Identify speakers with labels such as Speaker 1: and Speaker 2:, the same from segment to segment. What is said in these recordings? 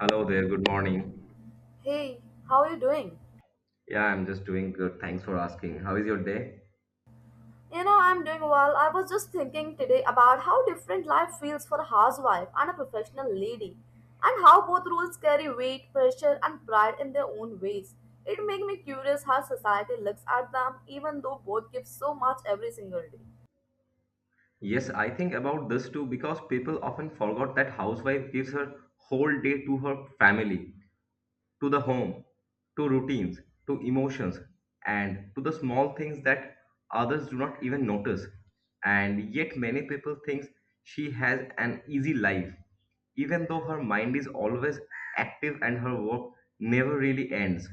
Speaker 1: Hello there, good morning.
Speaker 2: Hey, how are you doing?
Speaker 1: Yeah, I'm just doing good. Thanks for asking. How is your day?
Speaker 2: You know, I'm doing well. I was just thinking today about how different life feels for a housewife and a professional lady, and how both roles carry weight, pressure, and pride in their own ways. It makes me curious how society looks at them, even though both give so much every single day.
Speaker 1: Yes, I think about this too because people often forgot that housewife gives her whole day to her family, to the home, to routines, to emotions, and to the small things that others do not even notice. And yet many people think she has an easy life, even though her mind is always active and her work never really ends.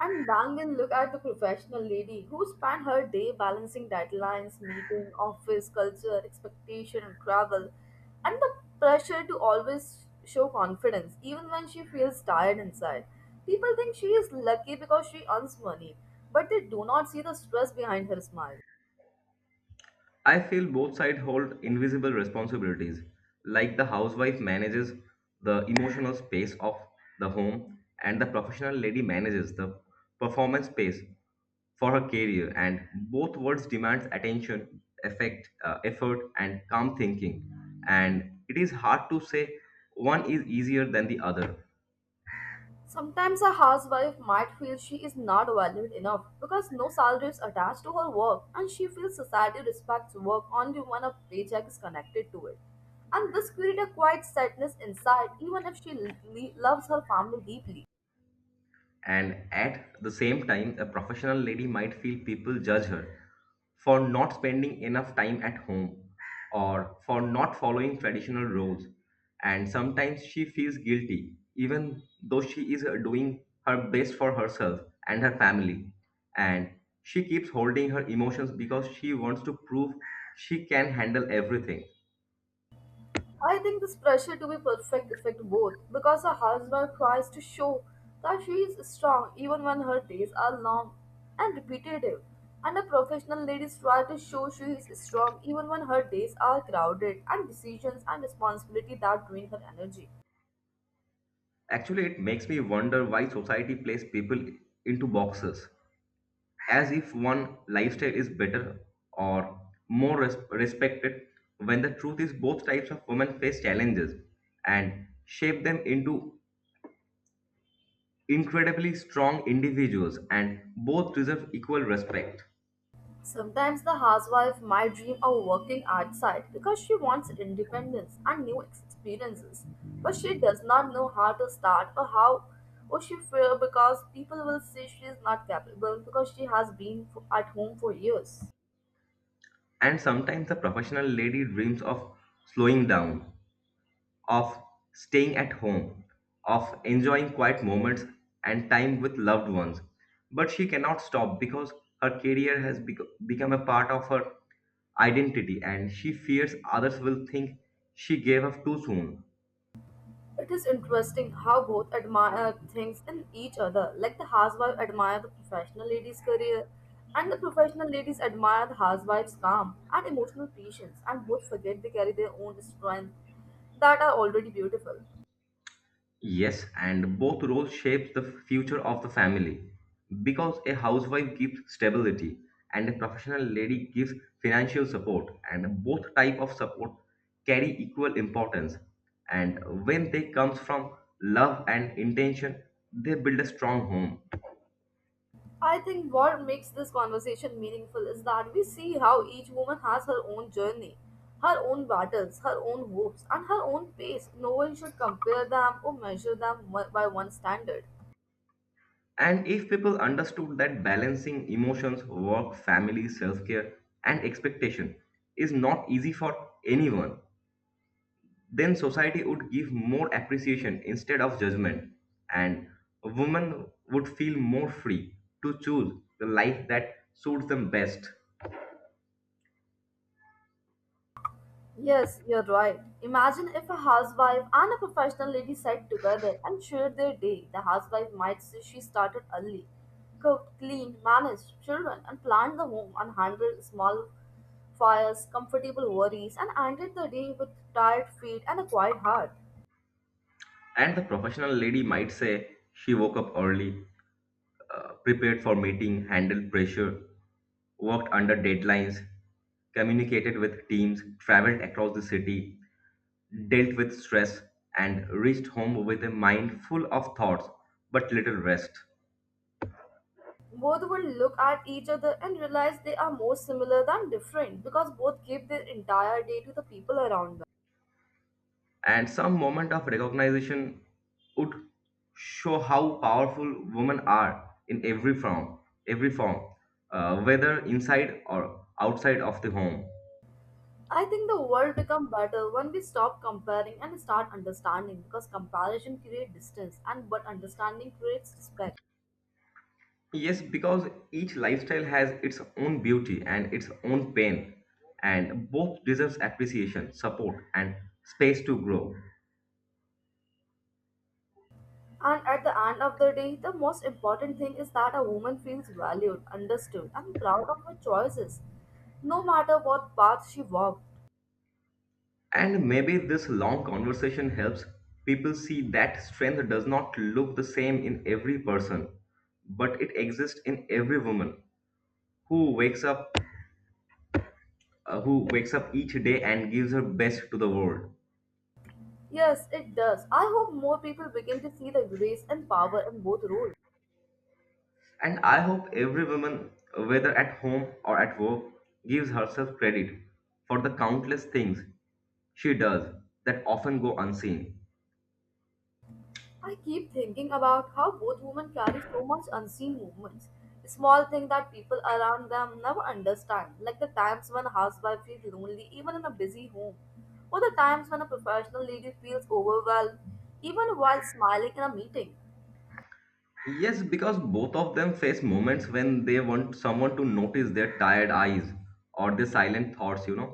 Speaker 2: And Bangan looked at the professional lady who spent her day balancing deadlines, meeting, office, culture, expectation, and travel, and the pressure to always show confidence, even when she feels tired inside. People think she is lucky because she earns money, but they do not see the stress behind her smile.
Speaker 1: I feel both sides hold invisible responsibilities, like the housewife manages the emotional space of the home, and the professional lady manages the performance space for her career. And both worlds demands attention, effect, effort, and calm thinking. And it is hard to say one is easier than the other.
Speaker 2: Sometimes a housewife might feel she is not valued enough because no salary is attached to her work and she feels society respects work only when a paycheck is connected to it. And this creates a quiet sadness inside even if she loves her family deeply.
Speaker 1: And at the same time, a professional lady might feel people judge her for not spending enough time at home or for not following traditional roles. And sometimes she feels guilty, even though she is doing her best for herself and her family. And she keeps holding her emotions because she wants to prove she can handle everything.
Speaker 2: I think this pressure to be perfect affects both because a housewife tries to show that she is strong even when her days are long and repetitive, and a professional lady tries to show she is strong even when her days are crowded and decisions and responsibility that drain her energy.
Speaker 1: Actually, it makes me wonder why society places people into boxes as if one lifestyle is better or more respected when the truth is both types of women face challenges and shape them into incredibly strong individuals, and both deserve equal respect.
Speaker 2: Sometimes the housewife might dream of working outside because she wants independence and new experiences, but she does not know how to start or how or she fear because people will say she is not capable because she has been at home for years.
Speaker 1: And sometimes the professional lady dreams of slowing down, of staying at home, of enjoying quiet moments and time with loved ones. But she cannot stop because her career has become a part of her identity, and she fears others will think she gave up too soon.
Speaker 2: It is interesting how both admire things in each other. Like the housewife admire the professional lady's career, and the professional ladies admire the housewife's calm and emotional patience, and both forget they carry their own strength that are already beautiful.
Speaker 1: Yes, and both roles shapes the future of the family because a housewife gives stability and a professional lady gives financial support, and both type of support carry equal importance, and when they comes from love and intention they build a strong home.
Speaker 2: I think what makes this conversation meaningful is that we see how each woman has her own journey, her own battles, her own hopes, and her own pace. No one should compare them or measure them by one standard.
Speaker 1: And if people understood that balancing emotions, work, family, self-care and expectation is not easy for anyone, then society would give more appreciation instead of judgment, and women would feel more free to choose the life that suits them best.
Speaker 2: Yes, you're right. Imagine if a housewife and a professional lady sat together and shared their day. The housewife might say she started early, cooked, cleaned, managed children, and planned the home and handled small fires, comfortable worries, and ended the day with tired feet and a quiet heart.
Speaker 1: And the professional lady might say she woke up early, prepared for meeting, handled pressure, worked under deadlines, communicated with teams, traveled across the city, dealt with stress, and reached home with a mind full of thoughts but little rest.
Speaker 2: Both will look at each other and realize they are more similar than different because both gave their entire day to the people around them.
Speaker 1: And some moment of recognition would show how powerful women are in every form, every form, whether inside or outside of the home.
Speaker 2: I think the world becomes better when we stop comparing and start understanding because comparison creates distance and but understanding creates respect.
Speaker 1: Yes, because each lifestyle has its own beauty and its own pain, and both deserves appreciation, support, and space to grow.
Speaker 2: And at the end of the day, the most important thing is that a woman feels valued, understood, and proud of her choices, no matter what path she walked.
Speaker 1: And maybe this long conversation helps people see that strength does not look the same in every person, but it exists in every woman who wakes up, who wakes up each day and gives her best to the world.
Speaker 2: Yes, it does. I hope more people begin to see the grace and power in both roles.
Speaker 1: And I hope every woman, whether at home or at work, gives herself credit for the countless things she does that often go unseen.
Speaker 2: I keep thinking about how both women carry so much unseen movements. Small things that people around them never understand, like the times when a housewife feels lonely even in a busy home, or the times when a professional lady feels overwhelmed even while smiling in a meeting.
Speaker 1: Yes, because both of them face moments when they want someone to notice their tired eyes or their silent thoughts, you know,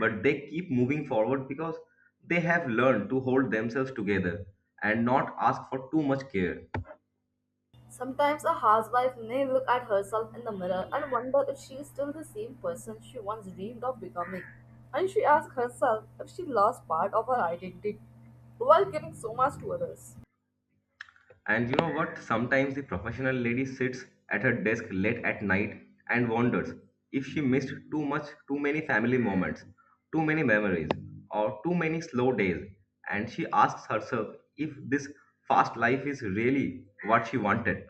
Speaker 1: but they keep moving forward because they have learned to hold themselves together and not ask for too much care.
Speaker 2: Sometimes a housewife may look at herself in the mirror and wonder if she is still the same person she once dreamed of becoming. And she asks herself if she lost part of her identity while giving so much to others.
Speaker 1: And you know what? Sometimes the professional lady sits at her desk late at night and wonders if she missed too much, too many family moments, too many memories, or too many slow days. And she asks herself if this fast life is really what she wanted.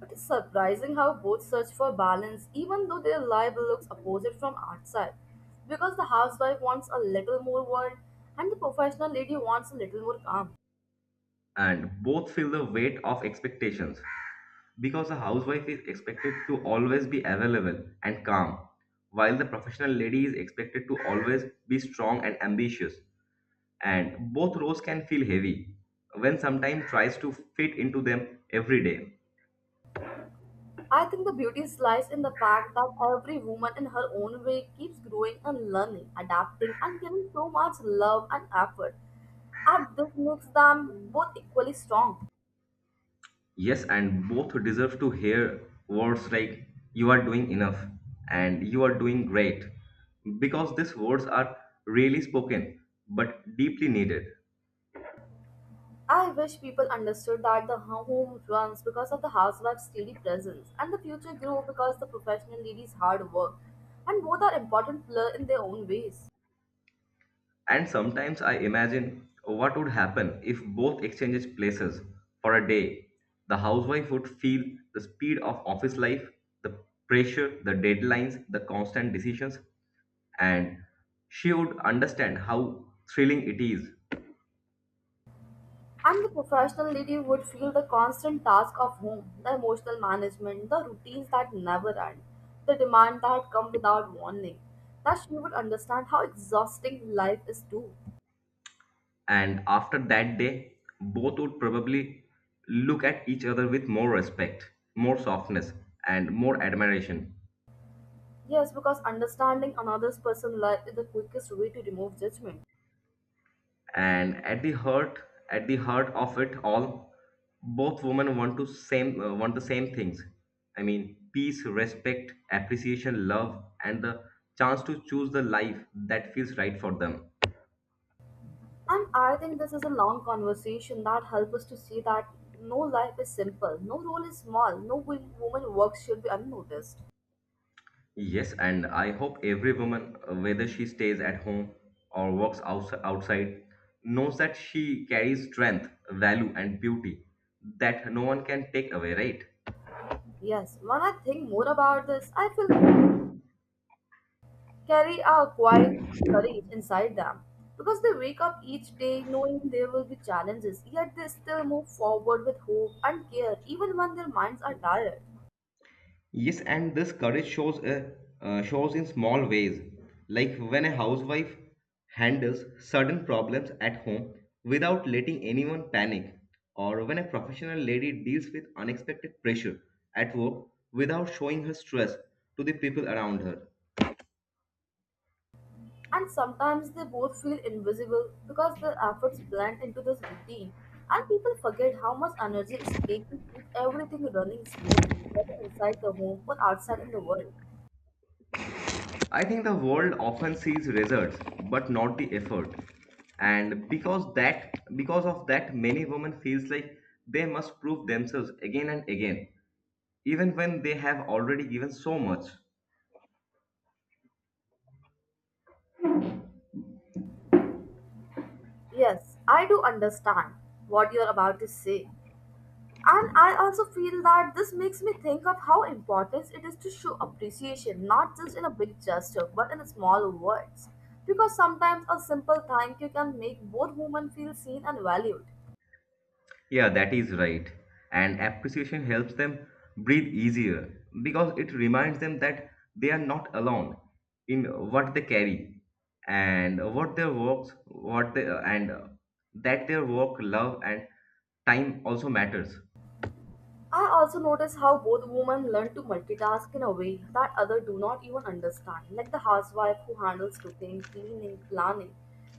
Speaker 2: It is surprising how both search for balance, even though their life looks opposite from outside. Because the housewife wants a little more world, and the professional lady wants a little more calm.
Speaker 1: And both feel the weight of expectations because a housewife is expected to always be available and calm, while the professional lady is expected to always be strong and ambitious. And both roles can feel heavy when sometime tries to fit into them every day.
Speaker 2: I think the beauty lies in the fact that every woman in her own way keeps growing and learning, adapting, and giving so much love and effort. And this makes them both equally strong.
Speaker 1: Yes, and both deserve to hear words like you are doing enough and you are doing great, because these words are rarely spoken but deeply needed.
Speaker 2: I wish people understood that the home runs because of the housewife's steady presence and the future grew because the professional lady's hard work, and both are important players in their own ways.
Speaker 1: And sometimes I imagine what would happen if both exchanges places for a day. The housewife would feel the speed of office life, the pressure, the deadlines, the constant decisions, and she would understand how thrilling it is.
Speaker 2: And the professional lady would feel the constant task of home, the emotional management, the routines that never end, the demand that come without warning, that she would understand how exhausting life is too.
Speaker 1: And after that day, both would probably look at each other with more respect, more softness, and more admiration.
Speaker 2: Yes, because understanding another's person's life is the quickest way to remove judgment.
Speaker 1: And at the heart of it all, both women want to same want the same things. I mean, peace, respect, appreciation, love, and the chance to choose the life that feels right for them.
Speaker 2: And I think this is a long conversation that helps us to see that no life is simple, no role is small, no woman work should be unnoticed.
Speaker 1: Yes, and I hope every woman, whether she stays at home or works outside, knows that she carries strength, value, and beauty that no one can take away, right?
Speaker 2: Yes, when I think more about this, I feel both carry a quiet courage inside them because they wake up each day knowing there will be challenges, yet they still move forward with hope and care even when their minds are tired.
Speaker 1: Yes, and this courage shows shows in small ways, like when a housewife handles certain problems at home without letting anyone panic, or when a professional lady deals with unexpected pressure at work without showing her stress to the people around her.
Speaker 2: And sometimes they both feel invisible because their efforts blend into this routine. And people forget how much energy is taken to keep everything running smoothly, whether inside the home or outside in the world.
Speaker 1: I think the world often sees results but not the effort. And because of that many women feels like they must prove themselves again and again even when they have already given so much.
Speaker 2: Yes, I do understand what you're about to say. And I also feel that this makes me think of how important it is to show appreciation, not just in a big gesture, but in small words. Because sometimes a simple thank you can make both women feel seen and valued.
Speaker 1: Yeah, that is right. And appreciation helps them breathe easier because it reminds them that they are not alone in what they carry and what their works what they and that their work, love and time also matters.
Speaker 2: I also notice how both women learn to multitask in a way that others do not even understand, like the housewife who handles cooking, cleaning, planning,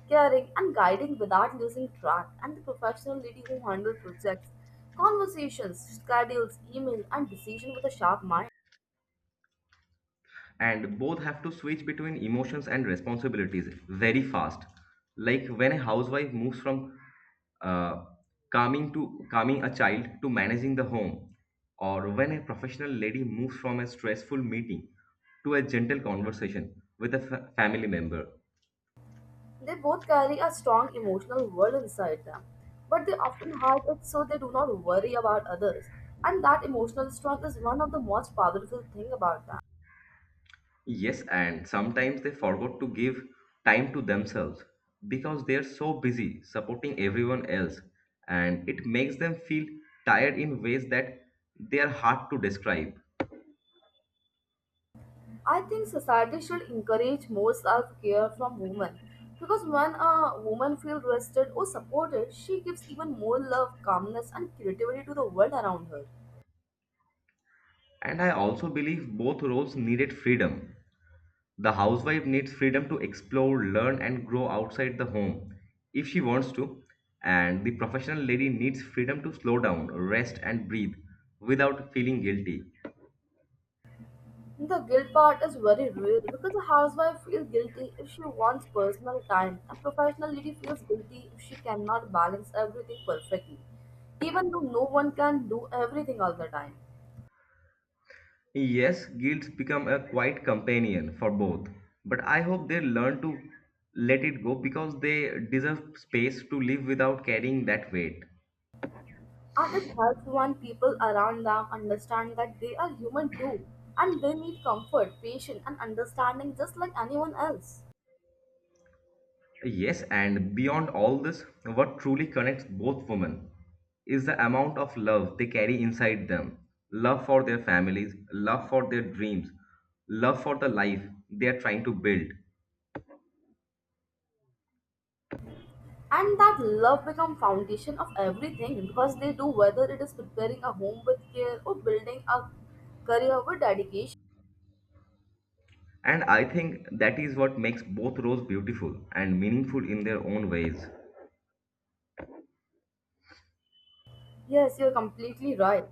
Speaker 2: caring, and guiding without losing track, and the professional lady who handles projects, conversations, schedules, emails, and decisions with a sharp mind.
Speaker 1: And both have to switch between emotions and responsibilities very fast, like when a housewife moves from uh, calming a child to managing the home, or when a professional lady moves from a stressful meeting to a gentle conversation with a family member.
Speaker 2: They both carry a strong emotional world inside them, but they often hide it so they do not worry about others, and that emotional strength is one of the most powerful thing about them.
Speaker 1: Yes, and sometimes they forgot to give time to themselves because they are so busy supporting everyone else, and it makes them feel tired in ways that they are hard to describe.
Speaker 2: I think society should encourage more self care from women because when a woman feels rested or supported, she gives even more love, calmness, and creativity to the world around her.
Speaker 1: And I also believe both roles needed freedom. The housewife needs freedom to explore, learn, and grow outside the home if she wants to, and the professional lady needs freedom to slow down, rest, and breathe without feeling guilty.
Speaker 2: The guilt part is very real because a housewife feels guilty if she wants personal time. A professional lady feels guilty if she cannot balance everything perfectly, even though no one can do everything all the time.
Speaker 1: Yes, guilds become a quiet companion for both, but I hope they learn to let it go because they deserve space to live without carrying that weight.
Speaker 2: And it helps when people around them understand that they are human too and they need comfort, patience and understanding just like anyone else.
Speaker 1: Yes, and beyond all this, what truly connects both women is the amount of love they carry inside them, love for their families, love for their dreams, love for the life they are trying to build.
Speaker 2: And that love becomes foundation of everything because they do whether it is preparing a home with care or building a career with dedication.
Speaker 1: And I think that is what makes both roles beautiful and meaningful in their own ways.
Speaker 2: Yes, you're completely right.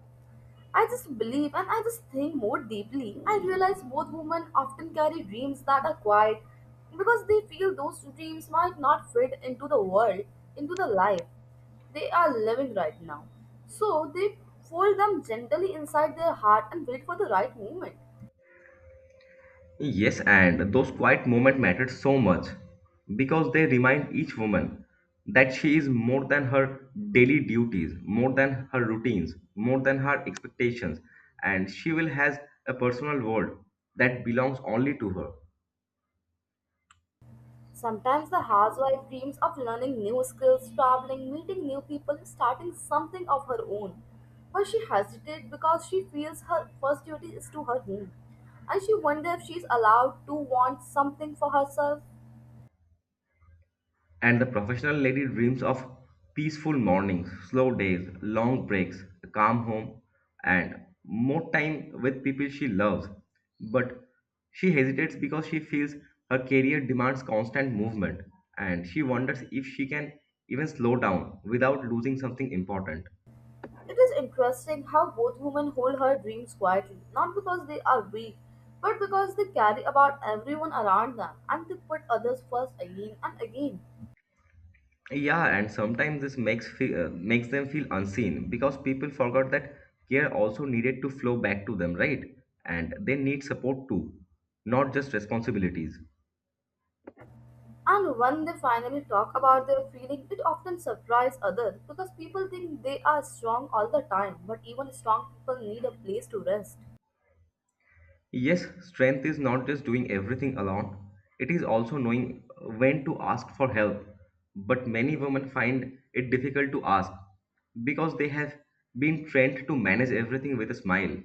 Speaker 2: I just believe and I just think more deeply. I realize both women often carry dreams that are quiet because they feel those dreams might not fit into the world, into the life they are living right now. So they fold them gently inside their heart and wait for the right moment.
Speaker 1: Yes, and those quiet moments mattered so much because they remind each woman that she is more than her daily duties, more than her routines, more than her expectations, and she will has a personal world that belongs only to her.
Speaker 2: Sometimes the housewife dreams of learning new skills, traveling, meeting new people, and starting something of her own. But she hesitates because she feels her first duty is to her home. And she wonders if she is allowed to want something for herself.
Speaker 1: And the professional lady dreams of peaceful mornings, slow days, long breaks, a calm home, and more time with people she loves. But she hesitates because she feels her career demands constant movement, and she wonders if she can even slow down without losing something important.
Speaker 2: It is interesting how both women hold her dreams quietly, not because they are weak, but because they carry about everyone around them and they put others first again and again.
Speaker 1: Yeah, and sometimes this makes them feel unseen because people forgot that care also needed to flow back to them, right? And they need support too, not just responsibilities.
Speaker 2: And when they finally talk about their feeling, it often surprises others because people think they are strong all the time, but even strong people need a place to rest.
Speaker 1: Yes, strength is not just doing everything alone. It is also knowing when to ask for help. But many women find it difficult to ask because they have been trained to manage everything with a smile.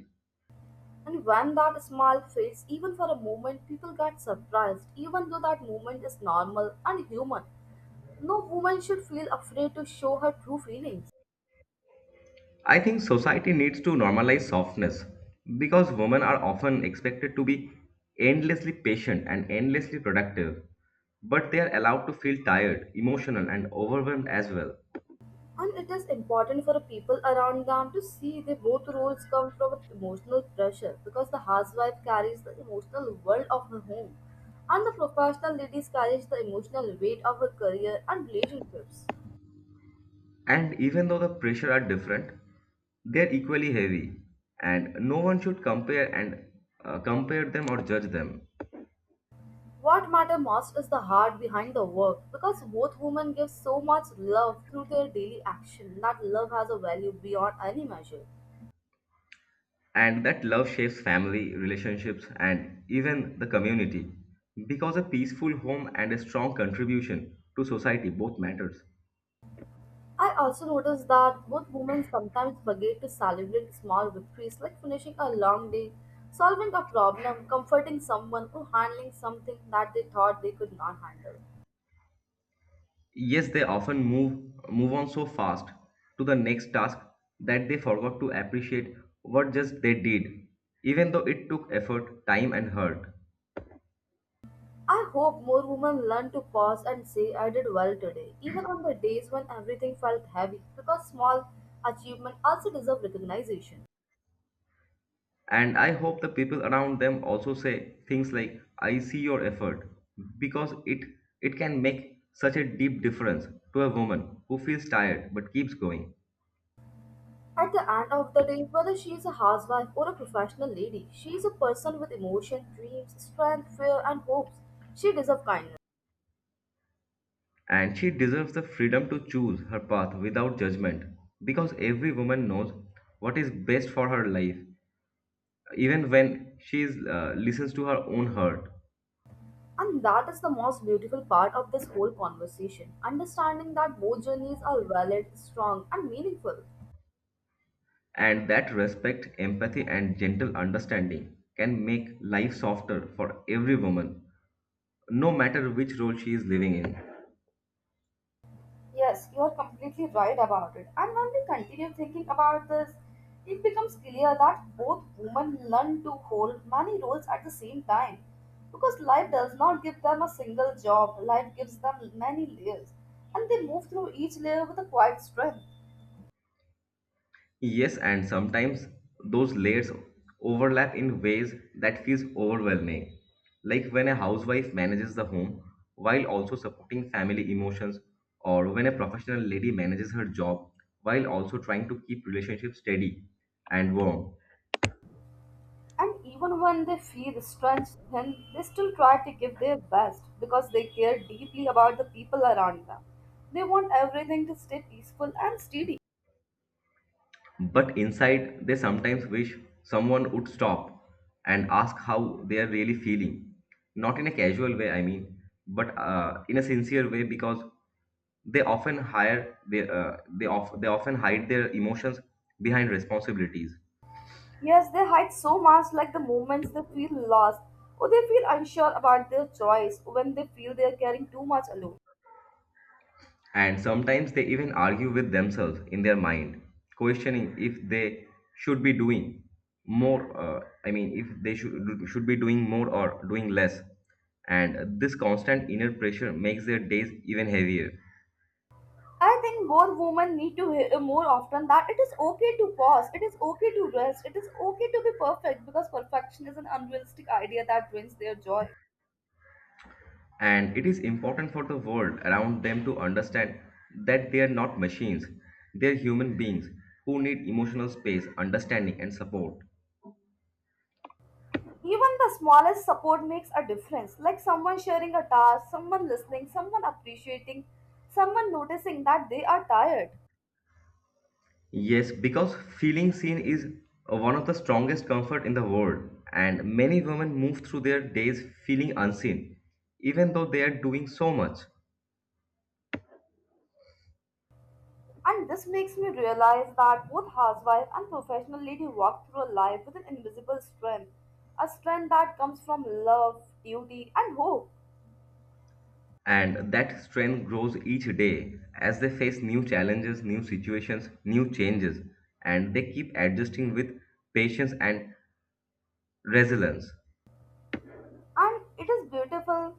Speaker 2: And when that smile fades, even for a moment, people get surprised, even though that moment is normal and human. No woman should feel afraid to show her true feelings.
Speaker 1: I think society needs to normalize softness because women are often expected to be endlessly patient and endlessly productive, but they are allowed to feel tired, emotional, and overwhelmed as well.
Speaker 2: And it is important for the people around them to see that both roles come from emotional pressure because the housewife carries the emotional world of her home and the professional ladies carries the emotional weight of her career and relationships.
Speaker 1: And even though the pressure are different, they are equally heavy, and no one should compare them or judge them.
Speaker 2: What matter most is the heart behind the work because both women give so much love through their daily action that love has a value beyond any measure.
Speaker 1: And that love shapes family, relationships, and even the community because a peaceful home and a strong contribution to society both matters.
Speaker 2: I also noticed that both women sometimes forget to celebrate small victories like finishing a long day, solving a problem, comforting someone, or handling something that they thought they could not handle.
Speaker 1: Yes, they often move on so fast to the next task that they forgot to appreciate what just they did, even though it took effort, time and hurt.
Speaker 2: I hope more women learn to pause and say, I did well today, even on the days when everything felt heavy, because small achievements also deserve recognition.
Speaker 1: And I hope the people around them also say things like I see your effort, because it can make such a deep difference to a woman who feels tired but keeps going.
Speaker 2: At the end of the day, whether she is a housewife or a professional lady, she is a person with emotion, dreams, strength, fear, and hopes. She deserves kindness.
Speaker 1: And she deserves the freedom to choose her path without judgment because every woman knows what is best for her life even when she is, listens to her own hurt.
Speaker 2: And that is the most beautiful part of this whole conversation understanding that both journeys are valid, strong, and meaningful.
Speaker 1: And that respect, empathy, and gentle understanding can make life softer for every woman, no matter which role she is living in.
Speaker 2: Yes, you are completely right about it. And when we continue thinking about this, it becomes clear that both women learn to hold many roles at the same time. Because life does not give them a single job, life gives them many layers. And they move through each layer with a quiet strength.
Speaker 1: Yes, and sometimes those layers overlap in ways that feels overwhelming, like when a housewife manages the home while also supporting family emotions, or when a professional lady manages her job while also trying to keep relationships steady and warm.
Speaker 2: And even when they feel stressed, then they still try to give their best because they care deeply about the people around them. They want everything to stay peaceful and steady.
Speaker 1: But inside, they sometimes wish someone would stop and ask how they are really feeling. Not in a casual way, I mean, but in a sincere way because they often hire they, of, they often hide their emotions behind responsibilities.
Speaker 2: Yes, they hide so much, like the moments they feel lost or they feel unsure about their choice, when they feel they are carrying too much alone.
Speaker 1: And sometimes they even argue with themselves in their mind, questioning if they should be doing more, I mean, if they should be doing more or doing less. And this constant inner pressure makes their days even heavier.
Speaker 2: I think more women need to hear more often that it is okay to pause, it is okay to rest, it is okay to be perfect because perfection is an unrealistic idea that drains their joy.
Speaker 1: And it is important for the world around them to understand that they are not machines, they are human beings who need emotional space, understanding, and support.
Speaker 2: Even the smallest support makes a difference, like someone sharing a task, someone listening, someone appreciating, someone noticing that they are tired.
Speaker 1: Yes, because feeling seen is one of the strongest comfort in the world, and many women move through their days feeling unseen, even though they are doing so much.
Speaker 2: And this makes me realize that both housewife and professional lady walk through life with an invisible strength, a strength that comes from love, duty, and hope.
Speaker 1: And that strength grows each day as they face new challenges, new situations, new changes, and they keep adjusting with patience and resilience.
Speaker 2: And it is beautiful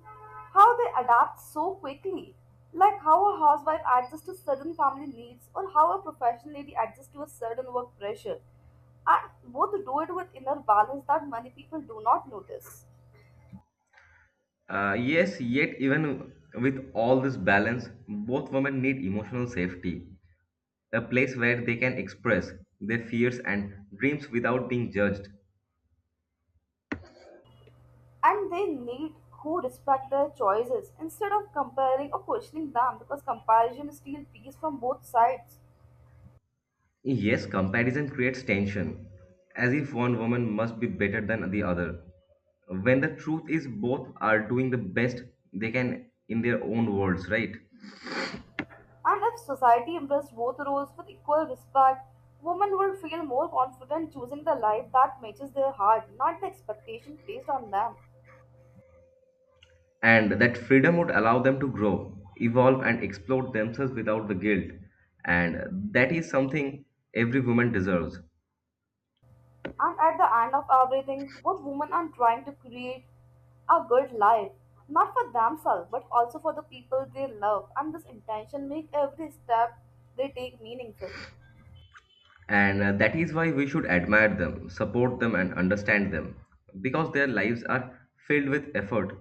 Speaker 2: how they adapt so quickly, like how a housewife adjusts to certain family needs or how a professional lady adjusts to a certain work pressure. And both do it with inner balance that many people do not notice.
Speaker 1: Yes, yet even with all this balance, both women need emotional safety, a place where they can express their fears and dreams without being judged.
Speaker 2: And they need who respect their choices instead of comparing or questioning them, because comparison steals peace from both sides.
Speaker 1: Yes, comparison creates tension, as if one woman must be better than the other, when the truth is both are doing the best they can in their own worlds, right?
Speaker 2: And if society embraced both roles with equal respect, women would feel more confident choosing the life that matches their heart, not the expectation placed on them.
Speaker 1: And that freedom would allow them to grow, evolve, and explore themselves without the guilt. And that is something every woman deserves.
Speaker 2: And at the end of everything, both women are trying to create a good life, not for themselves, but also for the people they love. And this intention makes every step they take meaningful.
Speaker 1: And that is why we should admire them, support them, and understand them because their lives are filled with effort,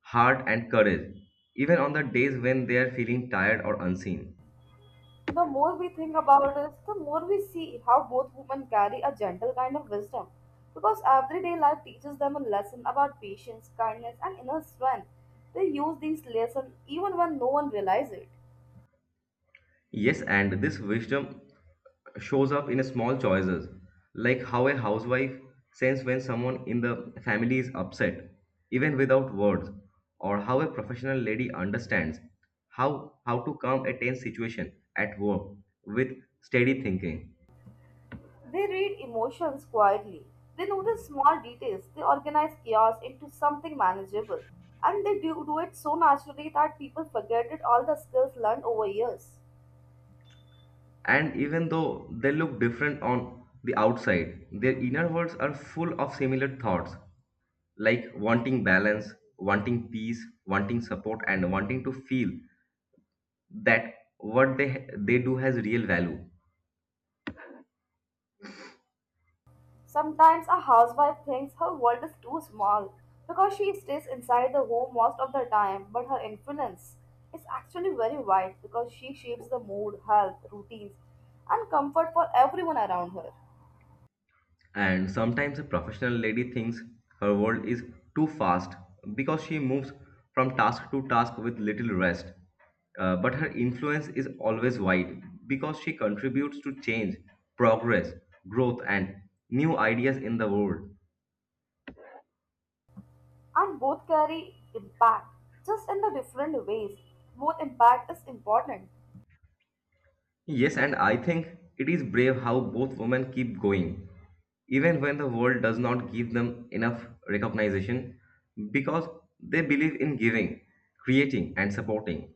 Speaker 1: heart, and courage, even on the days when they are feeling tired or unseen.
Speaker 2: The more we think about it, the more we see how both women carry a gentle kind of wisdom. Because everyday life teaches them a lesson about patience, kindness, and inner strength. They use these lessons even when no one realizes it.
Speaker 1: Yes, and this wisdom shows up in small choices, like how a housewife senses when someone in the family is upset, even without words, or how a professional lady understands how to calm a tense situation at work with steady thinking.
Speaker 2: They read emotions quietly. They notice small details. They organize chaos into something manageable. And they do it so naturally that people forget it all the skills learned over years.
Speaker 1: And even though they look different on the outside, their inner worlds are full of similar thoughts like wanting balance, wanting peace, wanting support, and wanting to feel that what they do has real value.
Speaker 2: Sometimes a housewife thinks her world is too small because she stays inside the home most of the time, but her influence is actually very wide because she shapes the mood, health, routines, and comfort for everyone around her.
Speaker 1: And sometimes a professional lady thinks her world is too fast because she moves from task to task with little rest. But her influence is always wide because she contributes to change, progress, growth, and new ideas in the world.
Speaker 2: And both carry impact, just in the different ways. Both impact is important.
Speaker 1: Yes, and I think it is brave how both women keep going, even when the world does not give them enough recognition, because they believe in giving, creating, and supporting.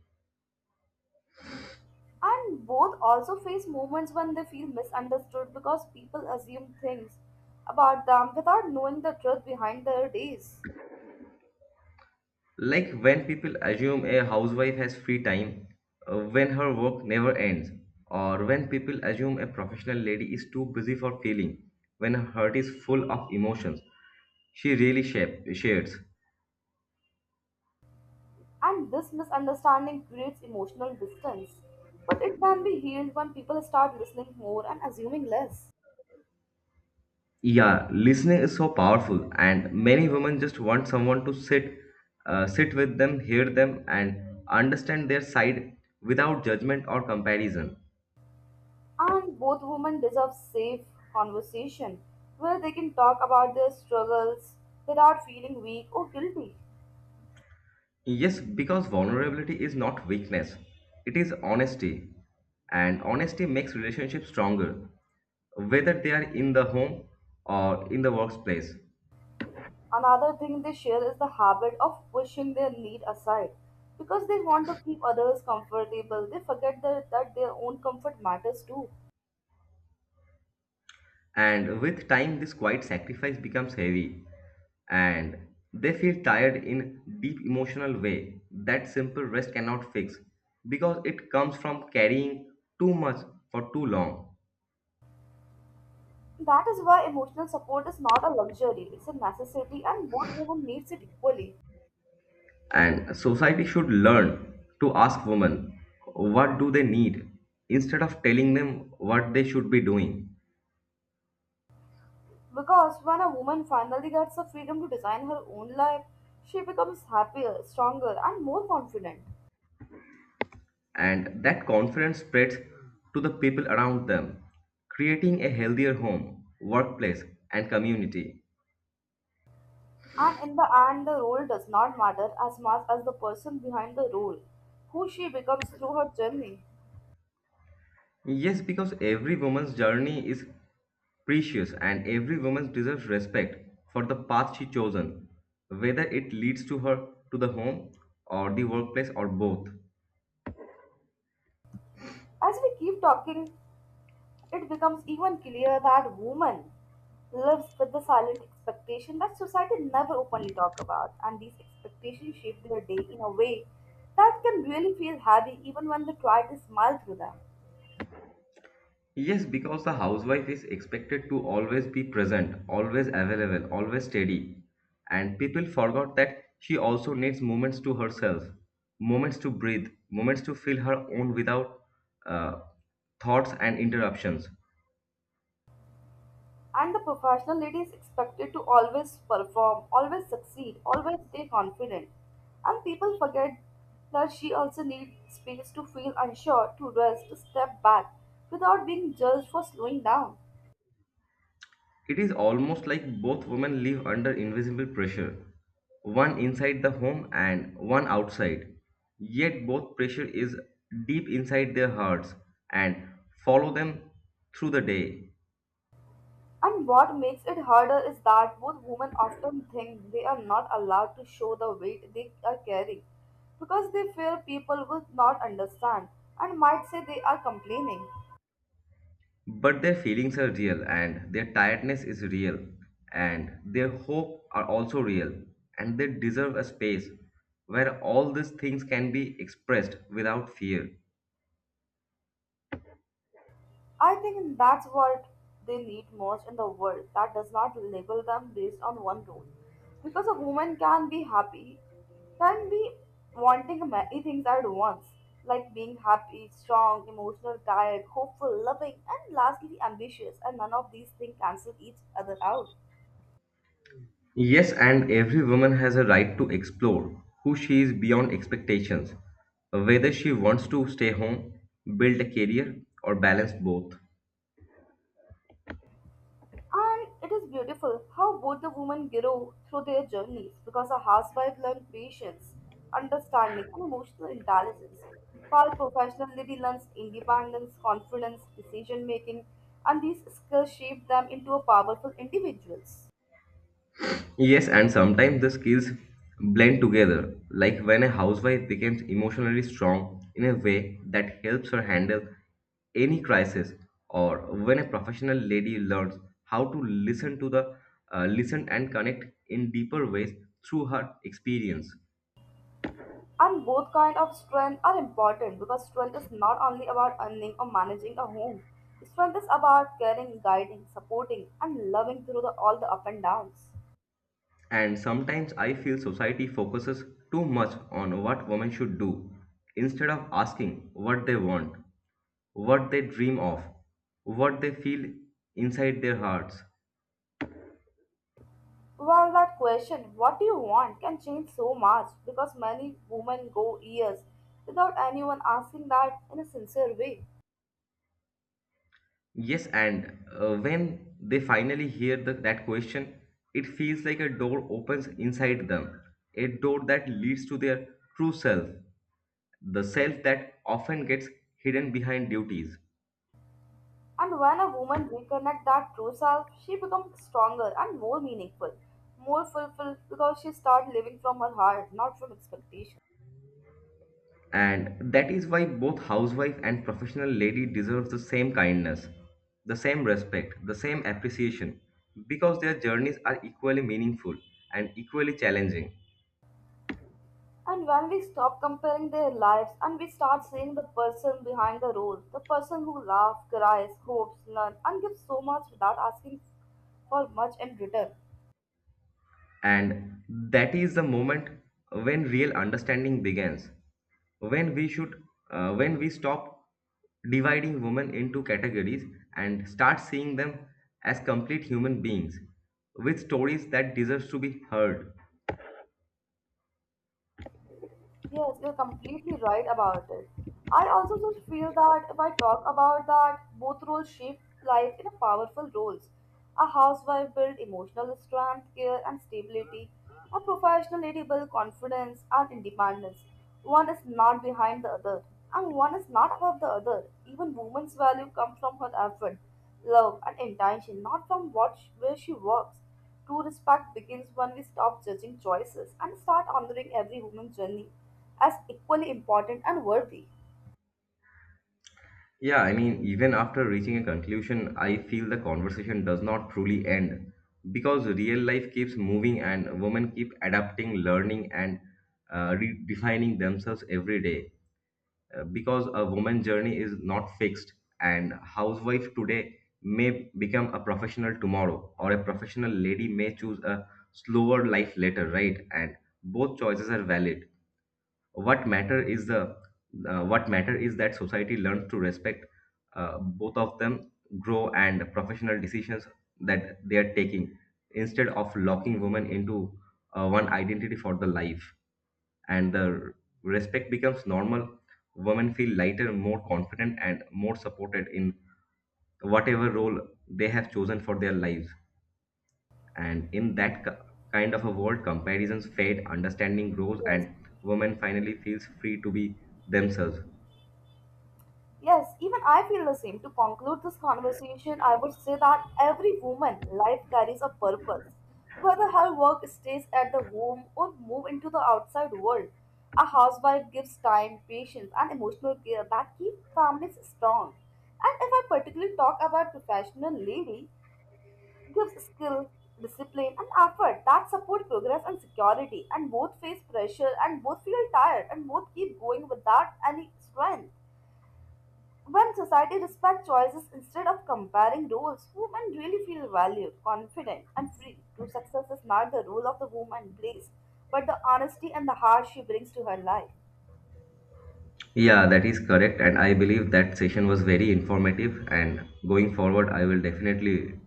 Speaker 2: And both also face moments when they feel misunderstood because people assume things about them without knowing the truth behind their days.
Speaker 1: Like when people assume a housewife has free time, when her work never ends, or when people assume a professional lady is too busy for feeling, when her heart is full of emotions, she really shares.
Speaker 2: And this misunderstanding creates emotional distance. But it can be healed when people start listening more and assuming less.
Speaker 1: Yeah, listening is so powerful, and many women just want someone to sit, sit with them, hear them, and understand their side without judgment or comparison.
Speaker 2: And both women deserve safe conversation where they can talk about their struggles without feeling weak or guilty.
Speaker 1: Yes, because vulnerability is not weakness, it is honesty. And honesty makes relationships stronger, whether they are in the home or in the workplace.
Speaker 2: Another thing they share is the habit of pushing their need aside. Because they want to keep others comfortable, they forget that their own comfort matters too.
Speaker 1: And with time, this quiet sacrifice becomes heavy, and they feel tired in deep emotional way that simple rest cannot fix because it comes from carrying too much for too long.
Speaker 2: That is why emotional support is not a luxury, it's a necessity, and both women needs it equally.
Speaker 1: And society should learn to ask women what do they need instead of telling them what they should be doing.
Speaker 2: Because when a woman finally gets the freedom to design her own life, she becomes happier, stronger, and more confident.
Speaker 1: And that confidence spreads to the people around them, creating a healthier home, workplace, and community.
Speaker 2: And in the end, the role does not matter as much as the person behind the role, who she becomes through her journey.
Speaker 1: Yes, because every woman's journey is precious and every woman deserves respect for the path she chosen, whether it leads to her to the home or the workplace or both.
Speaker 2: As we keep talking, it becomes even clearer that women lives with the silent expectation that society never openly talk about, and these expectations shape their day in a way that can really feel heavy even when they try to smile through them.
Speaker 1: Yes, because the housewife is expected to always be present, always available, always steady. And people forgot that she also needs moments to herself, moments to breathe, moments to feel her own without uh, thoughts and interruptions.
Speaker 2: And the professional lady is expected to always perform, always succeed, always stay confident. And people forget that she also needs space to feel unsure, to rest, to step back without being judged for slowing down.
Speaker 1: It is almost like both women live under invisible pressure, one inside the home and one outside. Yet both pressure is deep inside their hearts and follow them through the day.
Speaker 2: And what makes it harder is that both women often think they are not allowed to show the weight they are carrying because they fear people will not understand and might say they are complaining.
Speaker 1: But their feelings are real, and their tiredness is real, and their hope are also real, and they deserve a space where all these things can be expressed without fear.
Speaker 2: I think that's what they need most in the world that does not label them based on one role. Because a woman can be happy, can be wanting many things at once, like being happy, strong, emotional, tired, hopeful, loving, and lastly ambitious, and none of these things cancel each other out.
Speaker 1: Yes, and every woman has a right to explore who she is beyond expectations, whether she wants to stay home, build a career, or balance both.
Speaker 2: And it is beautiful how both the women grow through their journeys, because a housewife learns patience, understanding, and emotional intelligence, while professional lady learns independence, confidence, decision making, and these skills shape them into a powerful individuals.
Speaker 1: Yes, and sometimes the skills blend together, like when a housewife becomes emotionally strong in a way that helps her handle any crisis, or when a professional lady learns how to listen to the listen and connect in deeper ways through her experience.
Speaker 2: And both kind of strength are important because strength is not only about earning or managing a home. Strength is about caring, guiding, supporting, and loving through all the up and downs.
Speaker 1: And sometimes I feel society focuses too much on what women should do instead of asking what they want, what they dream of, what they feel inside their hearts.
Speaker 2: Well, that question, what do you want, can change so much because many women go years without anyone asking that in a sincere way.
Speaker 1: Yes, and when they finally hear that question, it feels like a door opens inside them, a door that leads to their true self, the self that often gets hidden behind duties.
Speaker 2: And when a woman reconnects that true self, she becomes stronger and more meaningful, more fulfilled, because she starts living from her heart, not from expectation.
Speaker 1: And that is why both housewife and professional lady deserve the same kindness, the same respect, the same appreciation, because their journeys are equally meaningful and equally challenging.
Speaker 2: And when we stop comparing their lives and we start seeing the person behind the role, the person who laughs, cries, hopes, learns, and gives so much without asking for much in return.
Speaker 1: And that is the moment when real understanding begins, when we should, when we stop dividing women into categories and start seeing them as complete human beings with stories that deserves to be heard.
Speaker 2: Yes, you're completely right about it. I also just feel that if I talk about that, both roles shape life in a powerful roles. A housewife builds emotional strength, care, and stability. A professional lady builds confidence and independence. One is not behind the other, and one is not above the other. Even woman's value comes from her effort, love, and intention, not from where she works. True respect begins when we stop judging choices and start honoring every human journey as equally important and worthy.
Speaker 1: Yeah, I mean, even after reaching a conclusion, I feel the conversation does not truly end because real life keeps moving and women keep adapting, learning, and redefining themselves every day. Because a woman's journey is not fixed and housewife today may become a professional tomorrow or a professional lady may choose a slower life later, right? And both choices are valid. What matter is the what matter is that society learns to respect both of them grow and professional decisions that they are taking instead of locking women into one identity for the life, and the respect becomes normal, women feel lighter, more confident, and more supported in whatever role they have chosen for their lives. And in that kind of a world, comparisons fade, understanding grows,
Speaker 2: Yes.
Speaker 1: and women finally feels free to be themselves.
Speaker 2: Yes, even I feel the same. To conclude this conversation, I would say that every woman life carries a purpose. Whether her work stays at the home or move into the outside world, a housewife gives time, patience, and emotional care that keep families strong. And if I particularly talk about professional ladies, gives skill, discipline, and effort that support progress and security, and both face pressure, and both feel tired, and both keep going without any strength. When society respects choices instead of comparing roles, women really feel valued, confident, and free. True success is not the role of the woman plays, but the honesty and the heart she brings to her life.
Speaker 1: Yeah, that is correct, and I believe that session was very informative. And going forward, I will definitely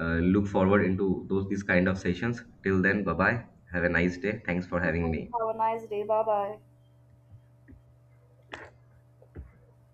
Speaker 1: look forward into those these kind of sessions. Till then, bye bye. Have a nice day. Thanks for
Speaker 2: You
Speaker 1: having
Speaker 2: too.
Speaker 1: me.
Speaker 2: Have a nice day. Bye bye.